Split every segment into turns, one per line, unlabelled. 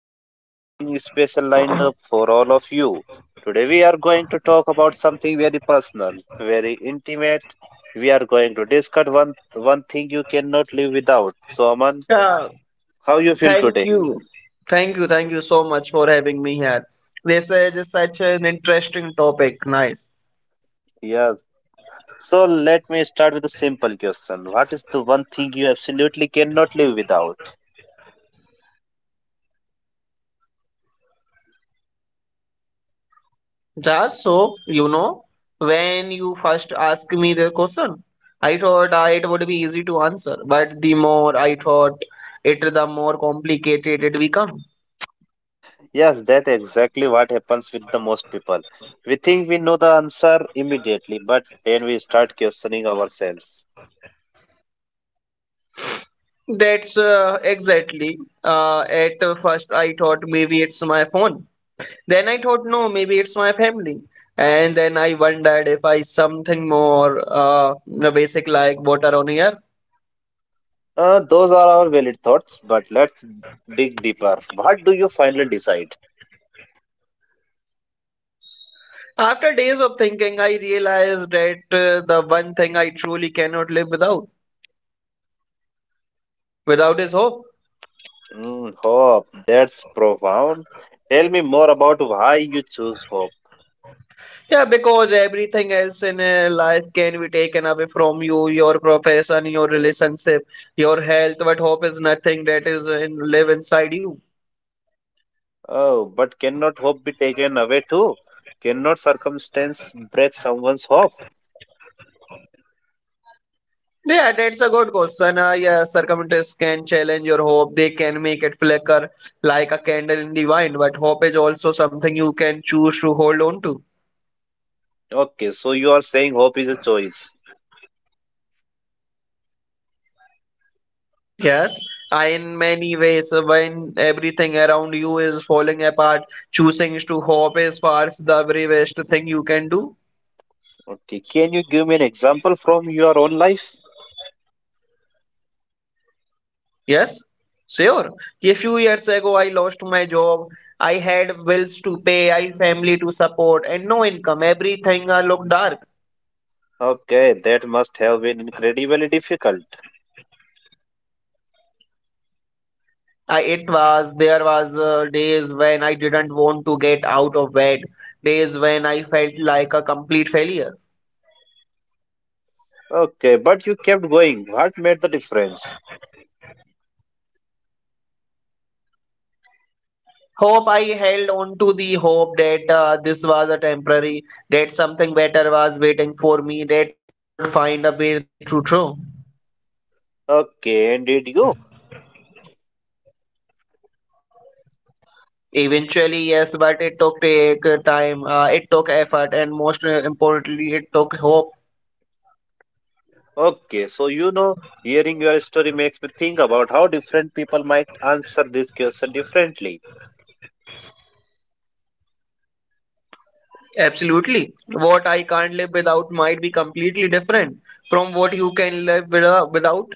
We have something special lined up for all of you. Today we are going to talk about something very personal, very intimate. We are going to discuss one thing you cannot live without. So Aman,
Yeah,
how you feel
thank
today?
you. Thank you. Thank you so much for having me here. This is such an interesting topic. Nice.
Yeah. So let me start with a simple question. What is the one thing you absolutely cannot live without?
Just so you know, when you first asked me the question, I thought it would be easy to answer, but the more I thought it, the more complicated it become.
Yes, that exactly what happens with the most people. We think we know the answer immediately, but then we start questioning ourselves.
That's exactly. At first, I thought maybe it's my phone. Then I thought, no, maybe it's my family. And then I wondered if I something more the basic like water on air.
Those are our valid thoughts, but let's dig deeper. What do you finally decide?
After days of thinking, I realized that the one thing I truly cannot live without, without is hope.
Mm, hope. That's profound. Tell me more about why you choose hope.
Yeah, because everything else in life can be taken away from you, your profession, your relationship, your health, but hope is nothing that is in, live inside you.
Oh, but cannot hope be taken away too? Cannot circumstance break someone's hope?
Yeah, that's a good question. Yeah, circumstances can challenge your hope. They can make it flicker like a candle in the wind, but hope is also something you can choose to hold on to.
Okay, so you are saying hope is a choice.
Yes, in many ways, when everything around you is falling apart, choosing to hope is far the very best thing you can do.
Okay, can you give me an example from your own life?
Yes, sure. A few years ago, I lost my job. I had bills to pay, I family to support, and no income. Everything looked dark.
Okay, that must have been incredibly difficult.
I, it was there was days when I didn't want to get out of bed, days when I felt like a complete failure.
Okay, but you kept going. What made the difference?
Hope I held on to the hope that this was a temporary, that something better was waiting for me, that I would find a way through. True.
Okay, and did you?
Eventually, yes, but it took take time, it took effort, and most importantly, it took hope.
Okay, so hearing your story makes me think about how different people might answer this question differently.
Absolutely. What I can't live without might be completely different from what you can live with without.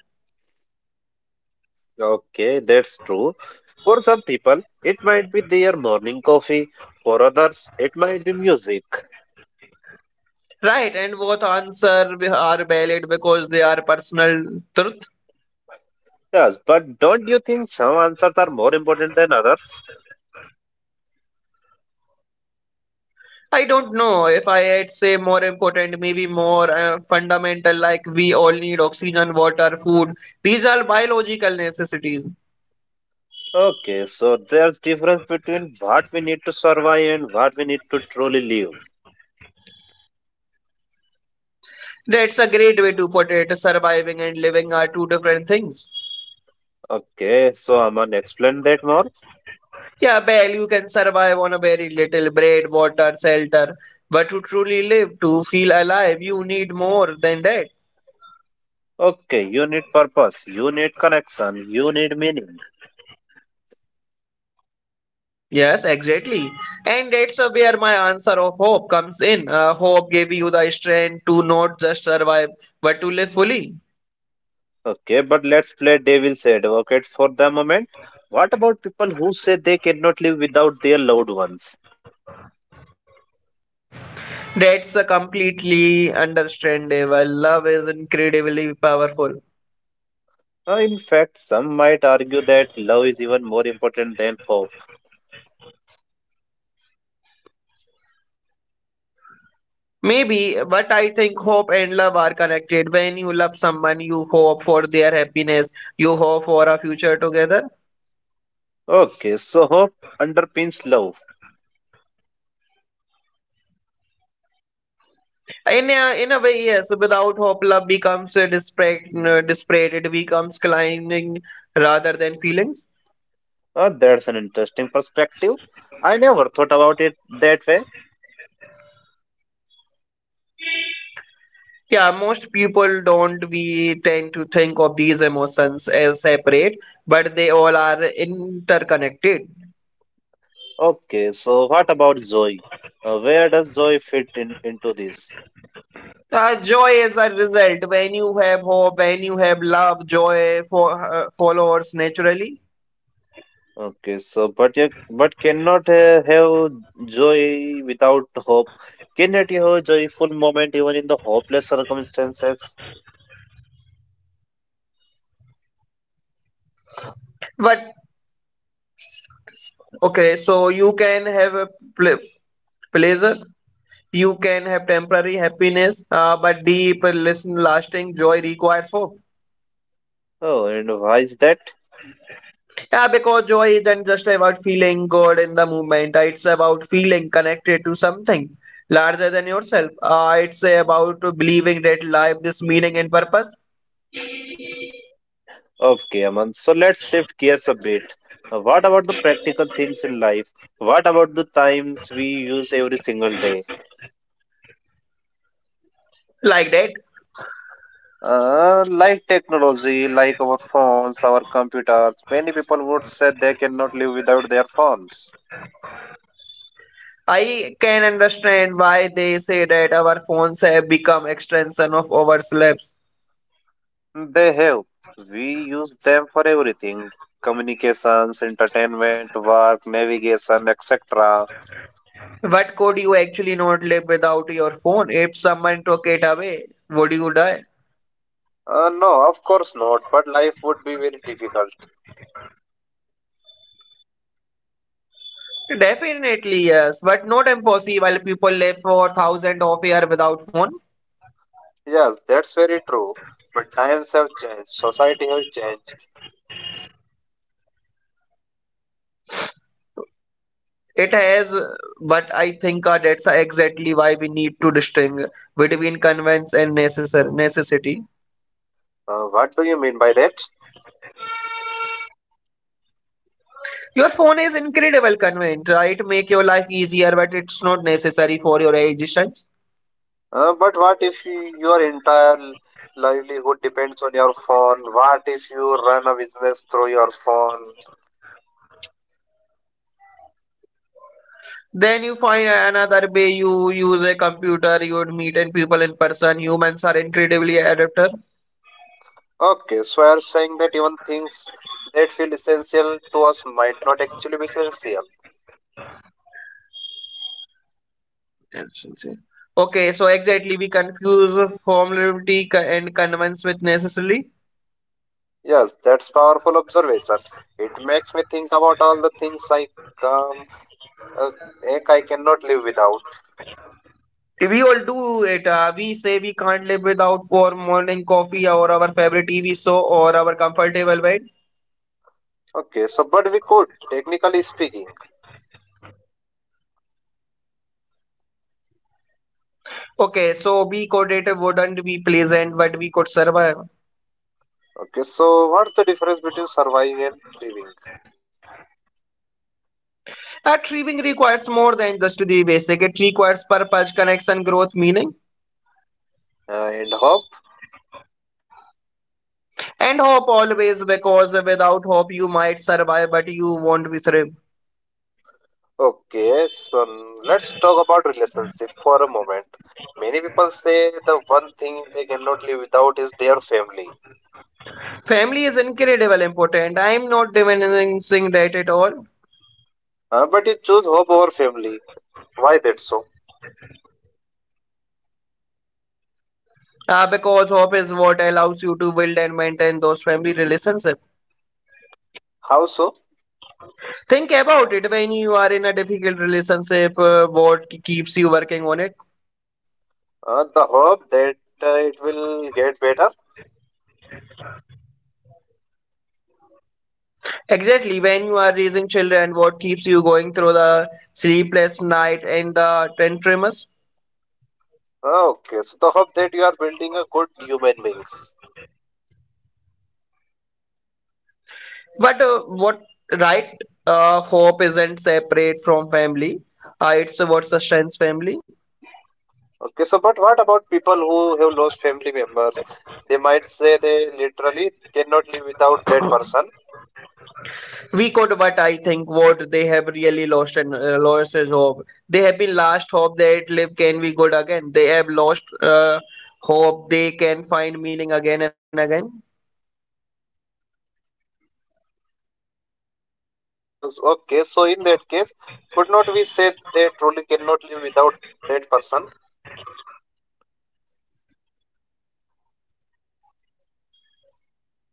Okay, that's true. For some people, it might be their morning coffee. For others, it might be music.
Right, and both are valid because they are personal truth.
Yes, but don't you think some answers are more important than others?
I don't know if I had say more important, maybe more fundamental, like we all need oxygen, water, food. These are biological necessities.
Okay, so there's difference between what we need to survive and what we need to truly live.
That's a great way to put it. Surviving and living are two different things.
Okay, so I'm gonna explain that more.
Yeah, well, you can survive on a very little bread, water, shelter, but to truly live, to feel alive, you need more than that.
Okay, you need purpose, you need connection, you need meaning.
Yes, exactly. And that's where my answer of hope comes in. Hope gave you the strength to not just survive, but to live fully.
Okay, but let's play devil's advocate for the moment. What about people who say they cannot live without their loved ones?
That's completely understandable. Love is incredibly powerful.
In fact, some might argue that love is even more important than hope.
Maybe, but I think hope and love are connected. When you love someone, you hope for their happiness, you hope for a future together.
Okay, so hope underpins love.
In a way, yes, without hope, love becomes disparate, it becomes climbing rather than feelings.
That's an interesting perspective. I never thought about it that way.
Yeah, most people don't. We tend to think of these emotions as separate, but they all are interconnected.
Okay, so what about Zoe? Where does Zoe fit in into this?
Joy is a result. When you have hope, when you have love, joy for follows naturally.
Okay, so but you but cannot have Zoe without hope. Cannot you have joyful moment even in the hopeless circumstances?
But okay, so you can have a ple- pleasure, you can have temporary happiness, but deep, listen, lasting joy requires hope.
Oh, and why is that?
Yeah, because joy isn't just about feeling good in the moment. It's about feeling connected to something larger than yourself. It's about believing that life is meaning and purpose.
Okay, Aman. So let's shift gears a bit. What about the practical things in life? What about the times we use every single day?
Like that,
Like technology, like our phones, our computers, many people would say they cannot live without their phones.
I can understand why they say that our phones have become extension of our lives.
They have. We use them for everything: communications, entertainment, work, navigation, etc.
What could you actually not live without your phone? If someone took it away, would you die?
No, of course not, but life would be very difficult.
Definitely yes, but not impossible. People live for thousands of years without phone.
Yes, that's very true. But times have changed, society has changed.
It has, but I think that's exactly why we need to distinguish between convenience and necessary necessity.
What do you mean by that?
Your phone is incredible convenient, right? Make your life easier, but it's not necessary for your existence.
But what if your entire livelihood depends on your phone? What if you run a business through your phone?
Then you find another way. You use a computer. You would meet in people in person. Humans are incredibly adapter.
Okay, so you're saying that even things that feel essential to us might not actually be essential.
Yes, yes. Okay, so exactly we confuse formality and convenience with necessarily.
Yes, that's powerful observation. It makes me think about all the things I um, uh, like I cannot live without.
We all do it. We say we can't live without for morning coffee or our favorite TV show or our comfortable bed.
Okay, so but we could, technically speaking.
Okay, so be creative wouldn't be pleasant, but we could survive.
Okay, so what's the difference between surviving and thriving?
Achieving requires more than just the basic. It requires purpose, connection, growth, meaning,
And hope?
and hope always. Because without hope, you might survive, but you won't be thrive.
Okay, so let's talk about relationship for a moment. Many people say the one thing they cannot live without is their family.
Family is incredibly important. I am not diminishing that at all.
But you choose hope over family. Why that so?
Because hope is what allows you to build and maintain those family relationships.
How so?
Think about it when you are in a difficult relationship, what keeps you working on it?
The hope that it will get better.
Exactly, when you are raising children, what keeps you going through the sleepless night and the tantrums?
Okay, so the hope that you are building a good human being.
But what right hope isn't separate from family. It's what sustains family.
Okay, so but what about people who have lost family members? They might say they literally cannot live without that person.
We could, but I think what they have really lost and lost is hope. They have been lost hope that life can be good again. They have lost hope they can find meaning again and again.
Okay, so in that case, could not we say they truly cannot live without that person?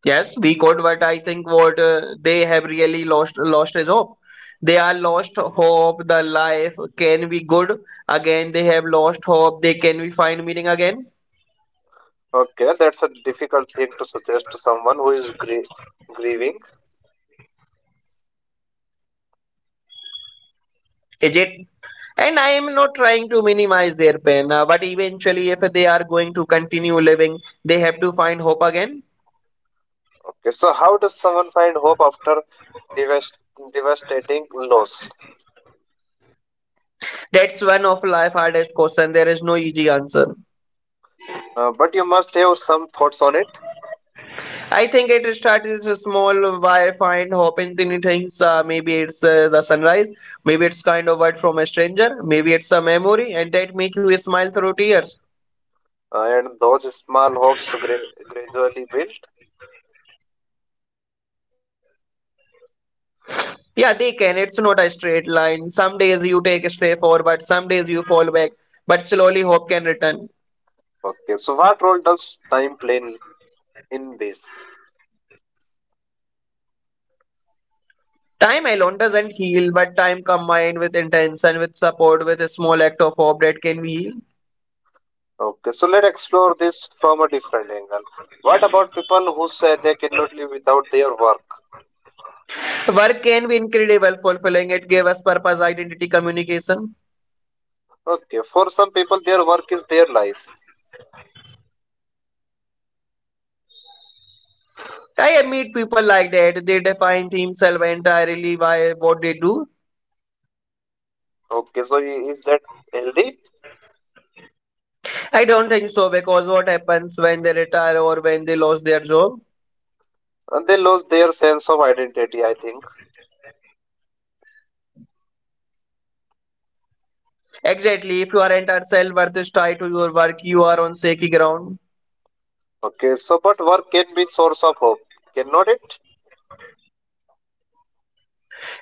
Yes, we could, but I think what they have really lost lost is hope. They are lost hope. The life can be good again. They have lost hope. They can be find meaning again.
Okay, that's a difficult thing to suggest to someone who is grieving.
Is it? And I am not trying to minimize their pain, but eventually, if they are going to continue living, they have to find hope again.
Okay, so how does someone find hope after devast- devastating loss?
That's one of life hardest question. There is no easy answer.
But you must have some thoughts on it.
I think it started as a small by find hopping tiny things. Maybe it's the sunrise. Maybe it's kind of word from a stranger. Maybe it's a memory, and that make you smile through tears.
And those small hopes gradually build.
Yeah, they can. It's not a straight line. Some days you take a step forward, some days you fall back. But slowly hope can return.
Okay, so what role does time play in this?
Time alone doesn't heal, but time combined with intention, with support, with a small act of hope that can be healed.
Okay, so let's explore this from a different angle. What about people who say they cannot live without their work?
Work can be incredible, fulfilling. It gave us purpose, identity, communication.
Okay, for some people, their work is their life.
I meet people like that. They define themselves entirely by what they do.
Okay, so is that healthy?
I don't think so because what happens when they retire or when they lose their job?
And they lose their sense of identity, I think.
Exactly. If your entire self worth is tied to your work, you are on shaky ground.
Okay, so but work can be source of hope, cannot it?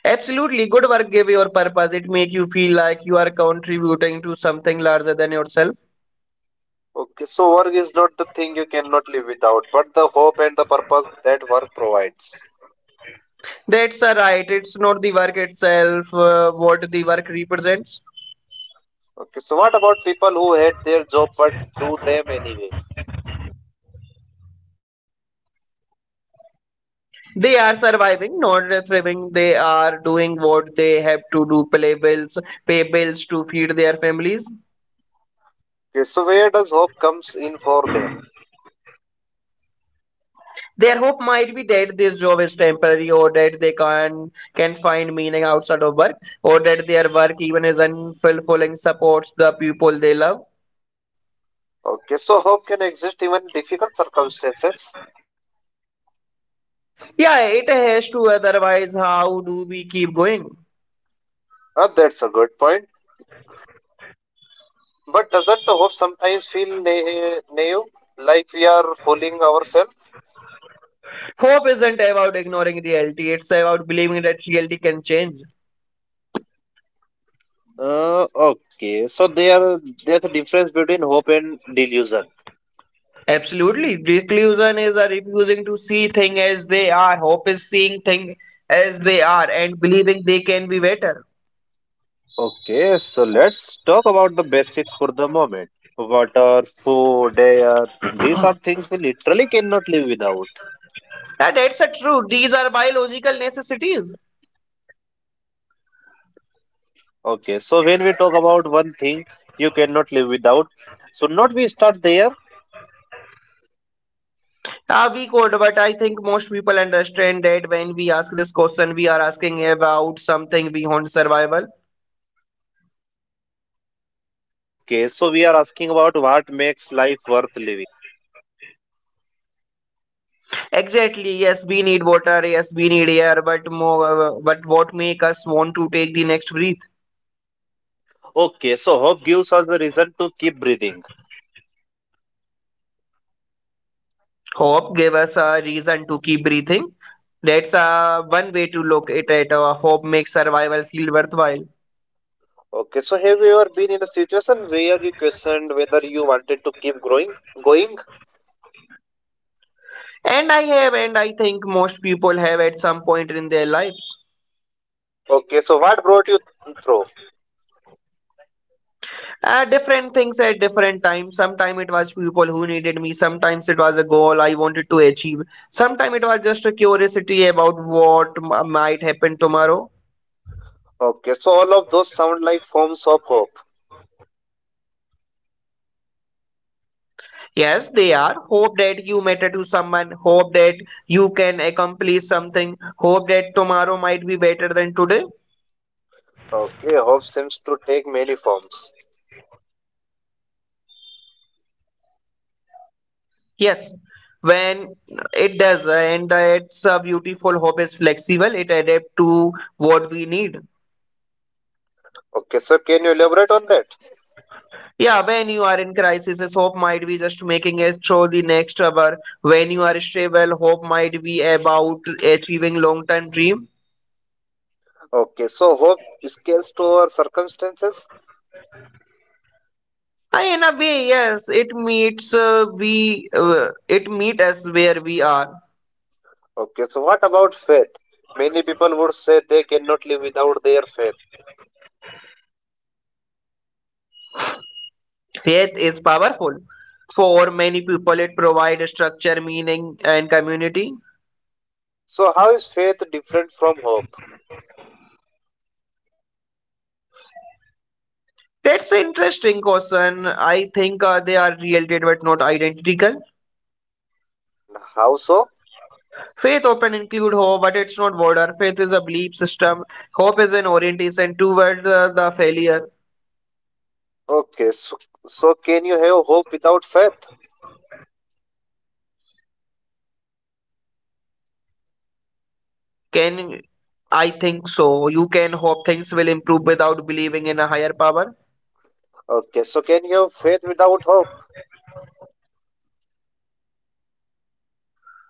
Absolutely, good work gives your purpose. It makes you feel like you are contributing to something larger than yourself.
Okay, so work is not the thing you cannot live without, but the hope and the purpose that work provides.
That's a right. It's not the work itself, what the work represents.
Okay, so what about people who hate their job but do them anyway?
They are surviving, not thriving. They are doing what they have to do, pay bills to feed their families.
Okay, so where does hope comes in for them?
Their hope might be that this job is temporary or that they can find meaning outside of work or that their work even is unfulfilling supports the people they love.
Okay, so hope can exist even in difficult circumstances.
Yeah, it has to, otherwise, how do we keep going?
That's a good point. But doesn't the hope sometimes feel naive, like we are fooling ourselves?
Hope isn't about ignoring reality, it's about believing that reality can change.
Okay, so there's a difference between hope and delusion.
Absolutely. Reclusion is a refusing to see things as they are. Hope is seeing things as they are and believing they can be better.
Okay, so let's talk about the basics for the moment. Water, food, air, these are things we literally cannot live without.
And that's a true. These are biological necessities.
Okay, so when we talk about one thing you cannot live without, so not we start there.
We could, but I think most people understand that when we ask this question, we are asking about something beyond survival.
Okay, so we are asking about what makes life worth living.
Exactly. Yes, we need water. Yes, we need air. But more, but what make us want to take the next breath?
Okay, so hope gives us the reason to keep breathing.
Hope gave us a reason to keep breathing. That's one way to look at it. Hope makes survival feel worthwhile.
Okay, so have you ever been in a situation where you questioned whether you wanted to going?
And I have, and I think most people have at some point in their lives.
Okay, so what brought you through?
Different things at different times. Sometimes it was people who needed me. Sometimes it was a goal I wanted to achieve. Sometimes it was just a curiosity about what might happen tomorrow.
Okay, so all of those sound like forms of hope.
Yes, they are. Hope that you matter to someone. Hope that you can accomplish something. Hope that tomorrow might be better than today.
Okay, hope seems to take many forms.
Yes, when it does, and it's a beautiful hope is flexible. It adapts to what we need.
Okay, so can you elaborate on that?
Yeah, when you are in crisis, this hope might be just making it through the next hour. When you are stable, hope might be about achieving long-term dream.
Okay, so hope scales to our circumstances.
Ah, in a way, yes, it meets we it meet us where we are.
Okay, so what about faith? Many people would say they cannot live without their faith.
Faith is powerful. For many people, it provides structure, meaning, and community.
So, how is faith different from hope?
That's an interesting question. I think they are related but not identical.
And how so?
Faith often include hope, but it's not border. Faith is a belief system. Hope is an orientation towards the failure.
Okay, so can you have hope without faith?
Can I think so? You can hope things will improve without believing in a higher power.
Okay, so can you have faith without hope?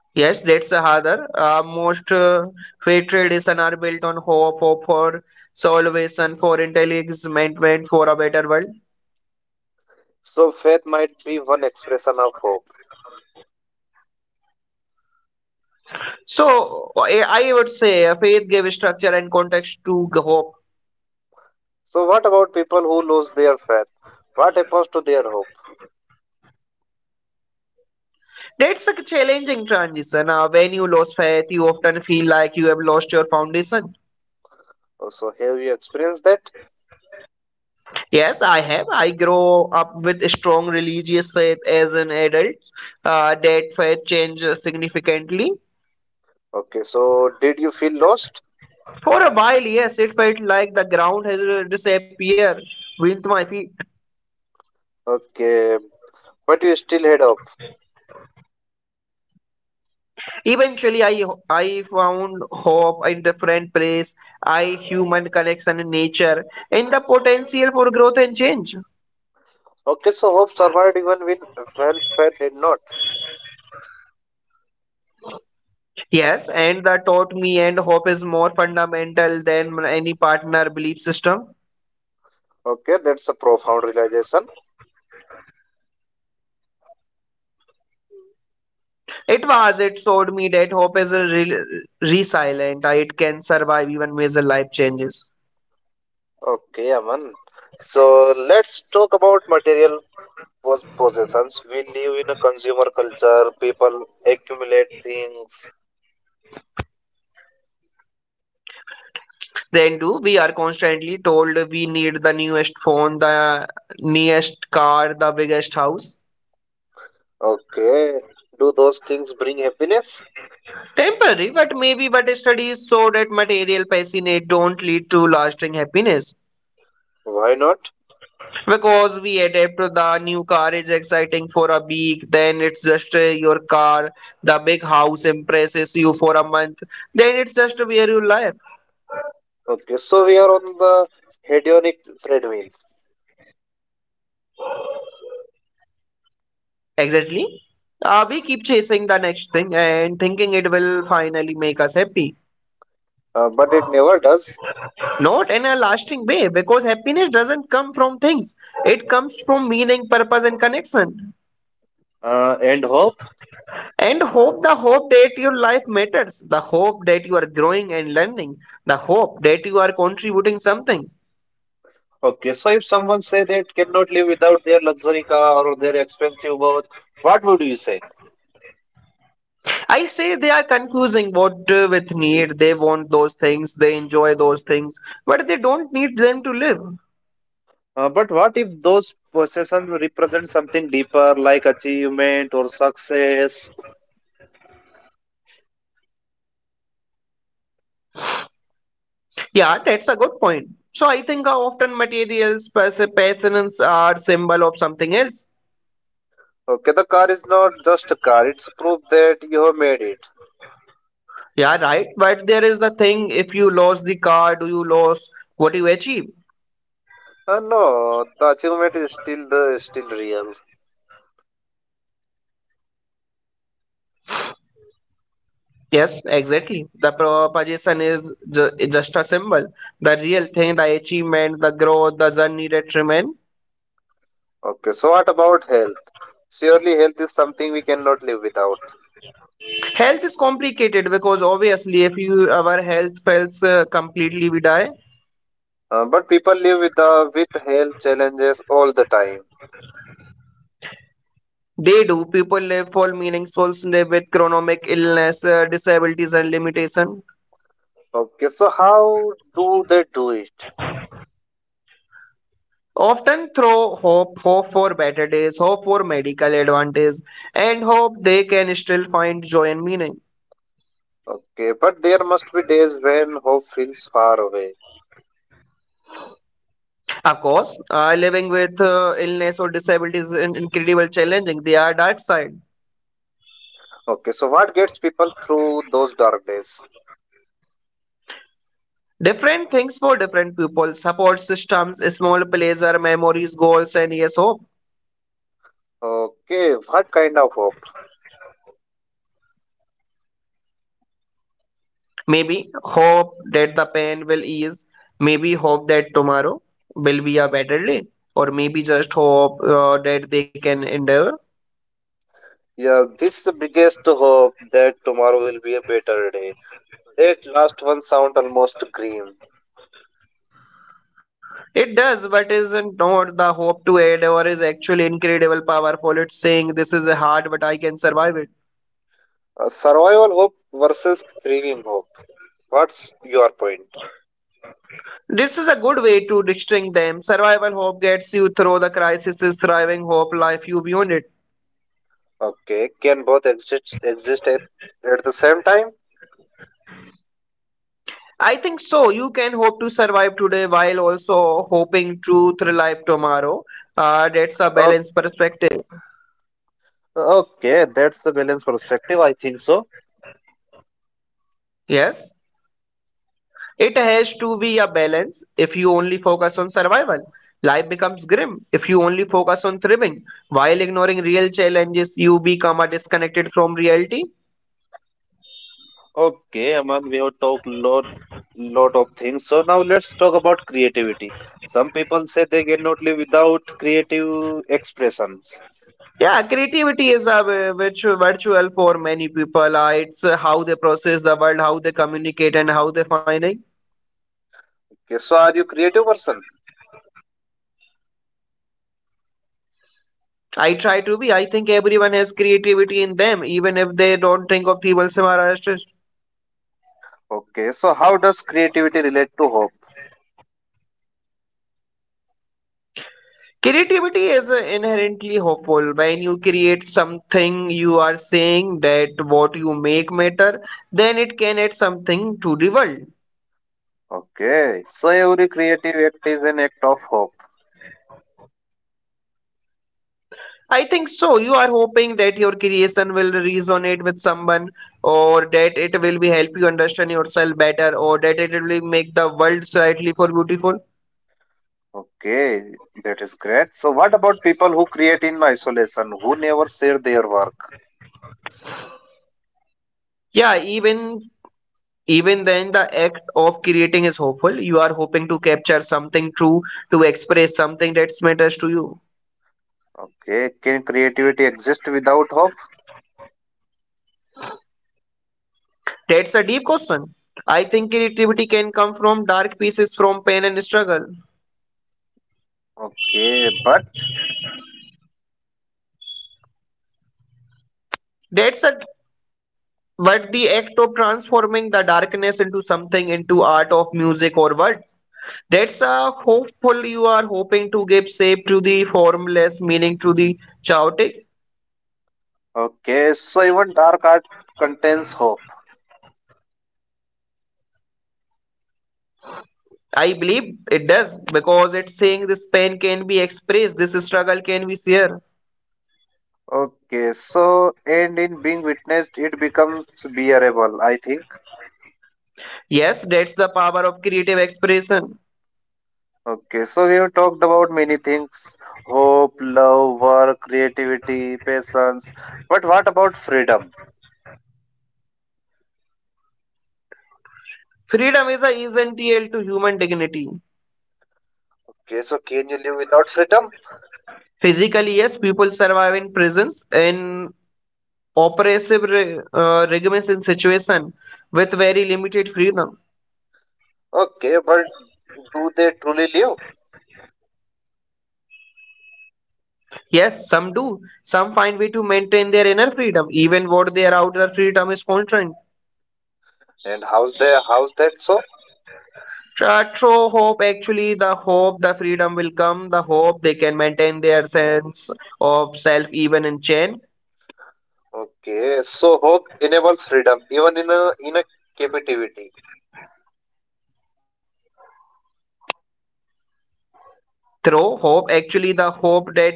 Yes, that's another. Most faith tradition are built on hope, hope for salvation, for intelligence, for a better world.
So, faith might be one expression of hope.
So I would say faith gave structure and context to hope.
So, what about people who lose their faith? What happens to their hope?
That's a challenging transition. When you lose faith, you often feel like you have lost your foundation.
Oh. So, have you experienced that?
Yes, I have. I grow up with strong religious faith as an adult. That faith changed significantly.
Okay, so did you feel lost?
For a while, yes, it felt like the ground has disappeared beneath my feet.
Okay, but you still had hope.
Eventually, I found hope in different place, I human connection in nature, and the potential for growth and change.
Okay, so hope survived even when faith did not.
Yes, and that taught me, and hope is more fundamental than any partner belief system.
Okay, that's a profound realization.
It was. It showed me that hope is a resilient. It can survive even major life changes.
Okay, Aman. So let's talk about material possessions. We live in a consumer culture. People accumulate things.
Then too, we are constantly told we need the newest phone, the nearest car, the biggest house.
Okay. Do those things bring happiness?
Temporary, but maybe but studies show that material passionate don't lead to lasting happiness.
Why not?
Because we adapt to the new car is exciting for a week, then it's just your car, the big house impresses you for a month, then it's just where you live.
Okay. So we are on the hedonic treadmill,
Exactly. We keep chasing the next thing and thinking it will finally make us happy.
but it never does.
Not in a lasting way, because happiness doesn't come from things. It comes from meaning, purpose, and connection.
And hope.
And hope the hope that your life matters, the hope that you are growing and learning, the hope that you are contributing something.
Okay. So if someone say they cannot live without their luxury car or their expensive watch, what would you say?
I say they are confusing what with need. They want those things, they enjoy those things, but they don't need them to live.
But what if those possessions represent something deeper, like achievement or success?
Yeah, that's a good point. So I think often materials, passions are symbol of something else.
Okay, the car is not just a car; it's proof that you have made it.
Yeah, right. But there is the thing, if you lose the car, do you lose what you achieve?
No, the achievement is still real.
Yes, exactly. The proposition is ju just a symbol. The real thing, the achievement, the growth, the journey that remain.
Okay, so what about health? Surely, health is something we cannot live without.
Health is complicated because obviously, if you our health fails completely, we die.
But people live with the with health challenges all the time.
They do. People live full meaning. Souls live with chronic illness, disabilities, and limitation.
Okay, so how do they do it?
Often throw hope, hope for better days, hope for medical advantage, and hope they can still find joy and meaning.
Okay, but there must be days when hope feels far away.
Of course, living with illness or disability is incredible challenging. They are dark side.
Okay, so what gets people through those dark days?
Different things for different people, support systems, small pleasure, memories, goals, and yes, hope.
Okay, what kind of hope?
Maybe hope that the pain will ease. Maybe hope that tomorrow will be a better day. Or maybe just hope that they can endure.
Yeah, this is the biggest hope that tomorrow will be a better day. That last one sound almost grim.
It does, but isn't not the hope to aid or is actually incredible powerful. It's saying this is hard, but I can survive it.
Survival hope versus thriving hope. What's your point?
This is a good way to distinguish them. Survival hope gets you through the crisis, is thriving hope life you beyond it.
Okay, can both exist at the same time?
I think so. You can hope to survive today while also hoping to thrive tomorrow. That's a
Okay,
balanced perspective.
okay, that's the balance perspective. I think so.
Yes. It has to be a balance. If you only focus on survival, life becomes grim. If you only focus on thriving while ignoring real challenges, you become a disconnected from reality.
Okay, Aman, we have talked lot of things. So now let's talk about creativity. Some people say they cannot live without creative expressions.
Yeah, creativity is a which virtual for many people. It's how they process the world, how they communicate, and how they find it.
Okay, so are you creative person?
I try to be. I think everyone has creativity in them, even if they don't think of themselves as artists.
Okay, so how does creativity relate to hope?
Creativity is inherently hopeful. When you create something, you are saying that what you make matter, then it can add something to the world.
Okay, so every creative act is an act of hope.
I think so. You are hoping that your creation will resonate with someone, or that it will be help you understand yourself better, or that it will make the world slightly more beautiful.
Okay, that is great. So what about people who create in isolation, who never share their work?
Yeah, even then, the act of creating is hopeful. You are hoping to capture something true, to express something that matters to you.
Okay, can creativity exist without hope?
That's a deep question. I think creativity can come from dark pieces from pain and struggle.
Okay, but
That's a, but the act of transforming the darkness into something into art of music or what. That's a hopeful you are hoping to give shape to the formless meaning to the chaotic.
okay, so even dark art contains hope.
I believe it does because it's saying this pain can be expressed, this struggle can be shared.
Okay, so and in being witnessed, it becomes bearable, I think.
Yes, that's the power of creative expression.
Okay, so we have talked about many things: hope, love, work, creativity, patience. But what about freedom?
Freedom is a essential to human dignity.
Okay, so can you live without freedom?
Physically, yes, people survive in prisons in oppressive regimes and situation with very limited freedom.
Okay, but do they truly live?
Yes, some do. Some find way to maintain their inner freedom, even what their outer freedom is constrained.
And how's that so?
True hope, actually, the hope the freedom will come, the hope they can maintain their sense of self even in chain.
Okay, so hope enables freedom, even in a captivity.
Through hope actually the hope that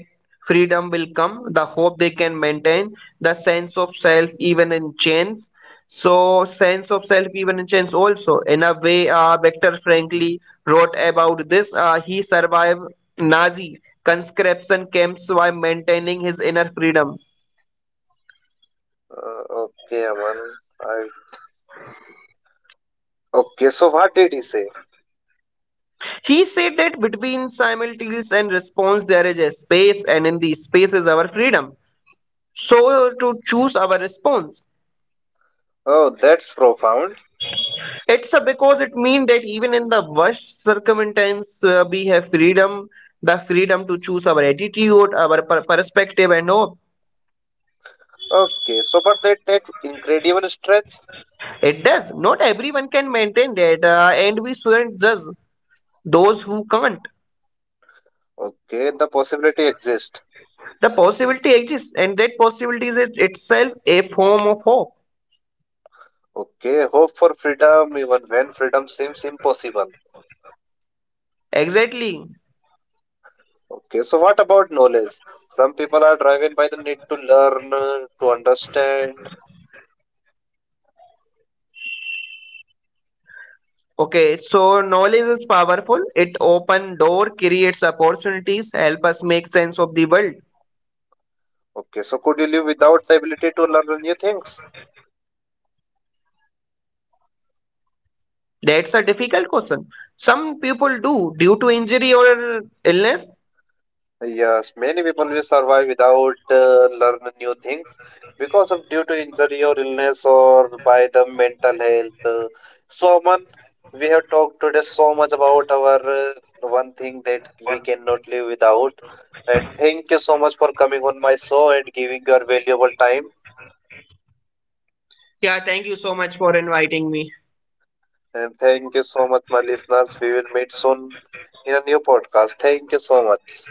freedom will come, the hope they can maintain the sense of self even in chains, so sense of self even in chains also in a way, Viktor frankly wrote about this. Uh, he survived nazi conscription camps while maintaining his inner freedom.
Okay, Aman. I. Okay, so what did he say?
He said that between simultaneous and response there is a space, and in the space is our freedom, so to choose our response.
Oh, that's profound.
It's a because it means that even in the worst circumstances, we have freedom, the freedom to choose our attitude, our perspective, and hope.
Okay, so but that takes incredible strength.
It does. Not everyone can maintain that, and we shouldn't judge those who can't.
Okay, the possibility exists.
The possibility exists, and that possibility is itself a form of hope.
Okay, hope for freedom even when freedom seems impossible.
Exactly.
Okay, so what about knowledge? Some people are driven by the need to learn, to understand.
Okay, so knowledge is powerful. It open door, creates opportunities, help us make sense of the world.
Okay, so could you live without the ability to learn new things?
That's a difficult question. Some people do due to injury or illness.
Yes, many people will survive without learn new things because of due to injury or illness or by the mental health. So, man, we have talked today so much about our one thing that we cannot live without. And thank you so much for coming on my show and giving your valuable time.
Yeah, thank you so much for inviting me.
And thank you so much, my listeners. We will meet soon in a new podcast. Thank you so much.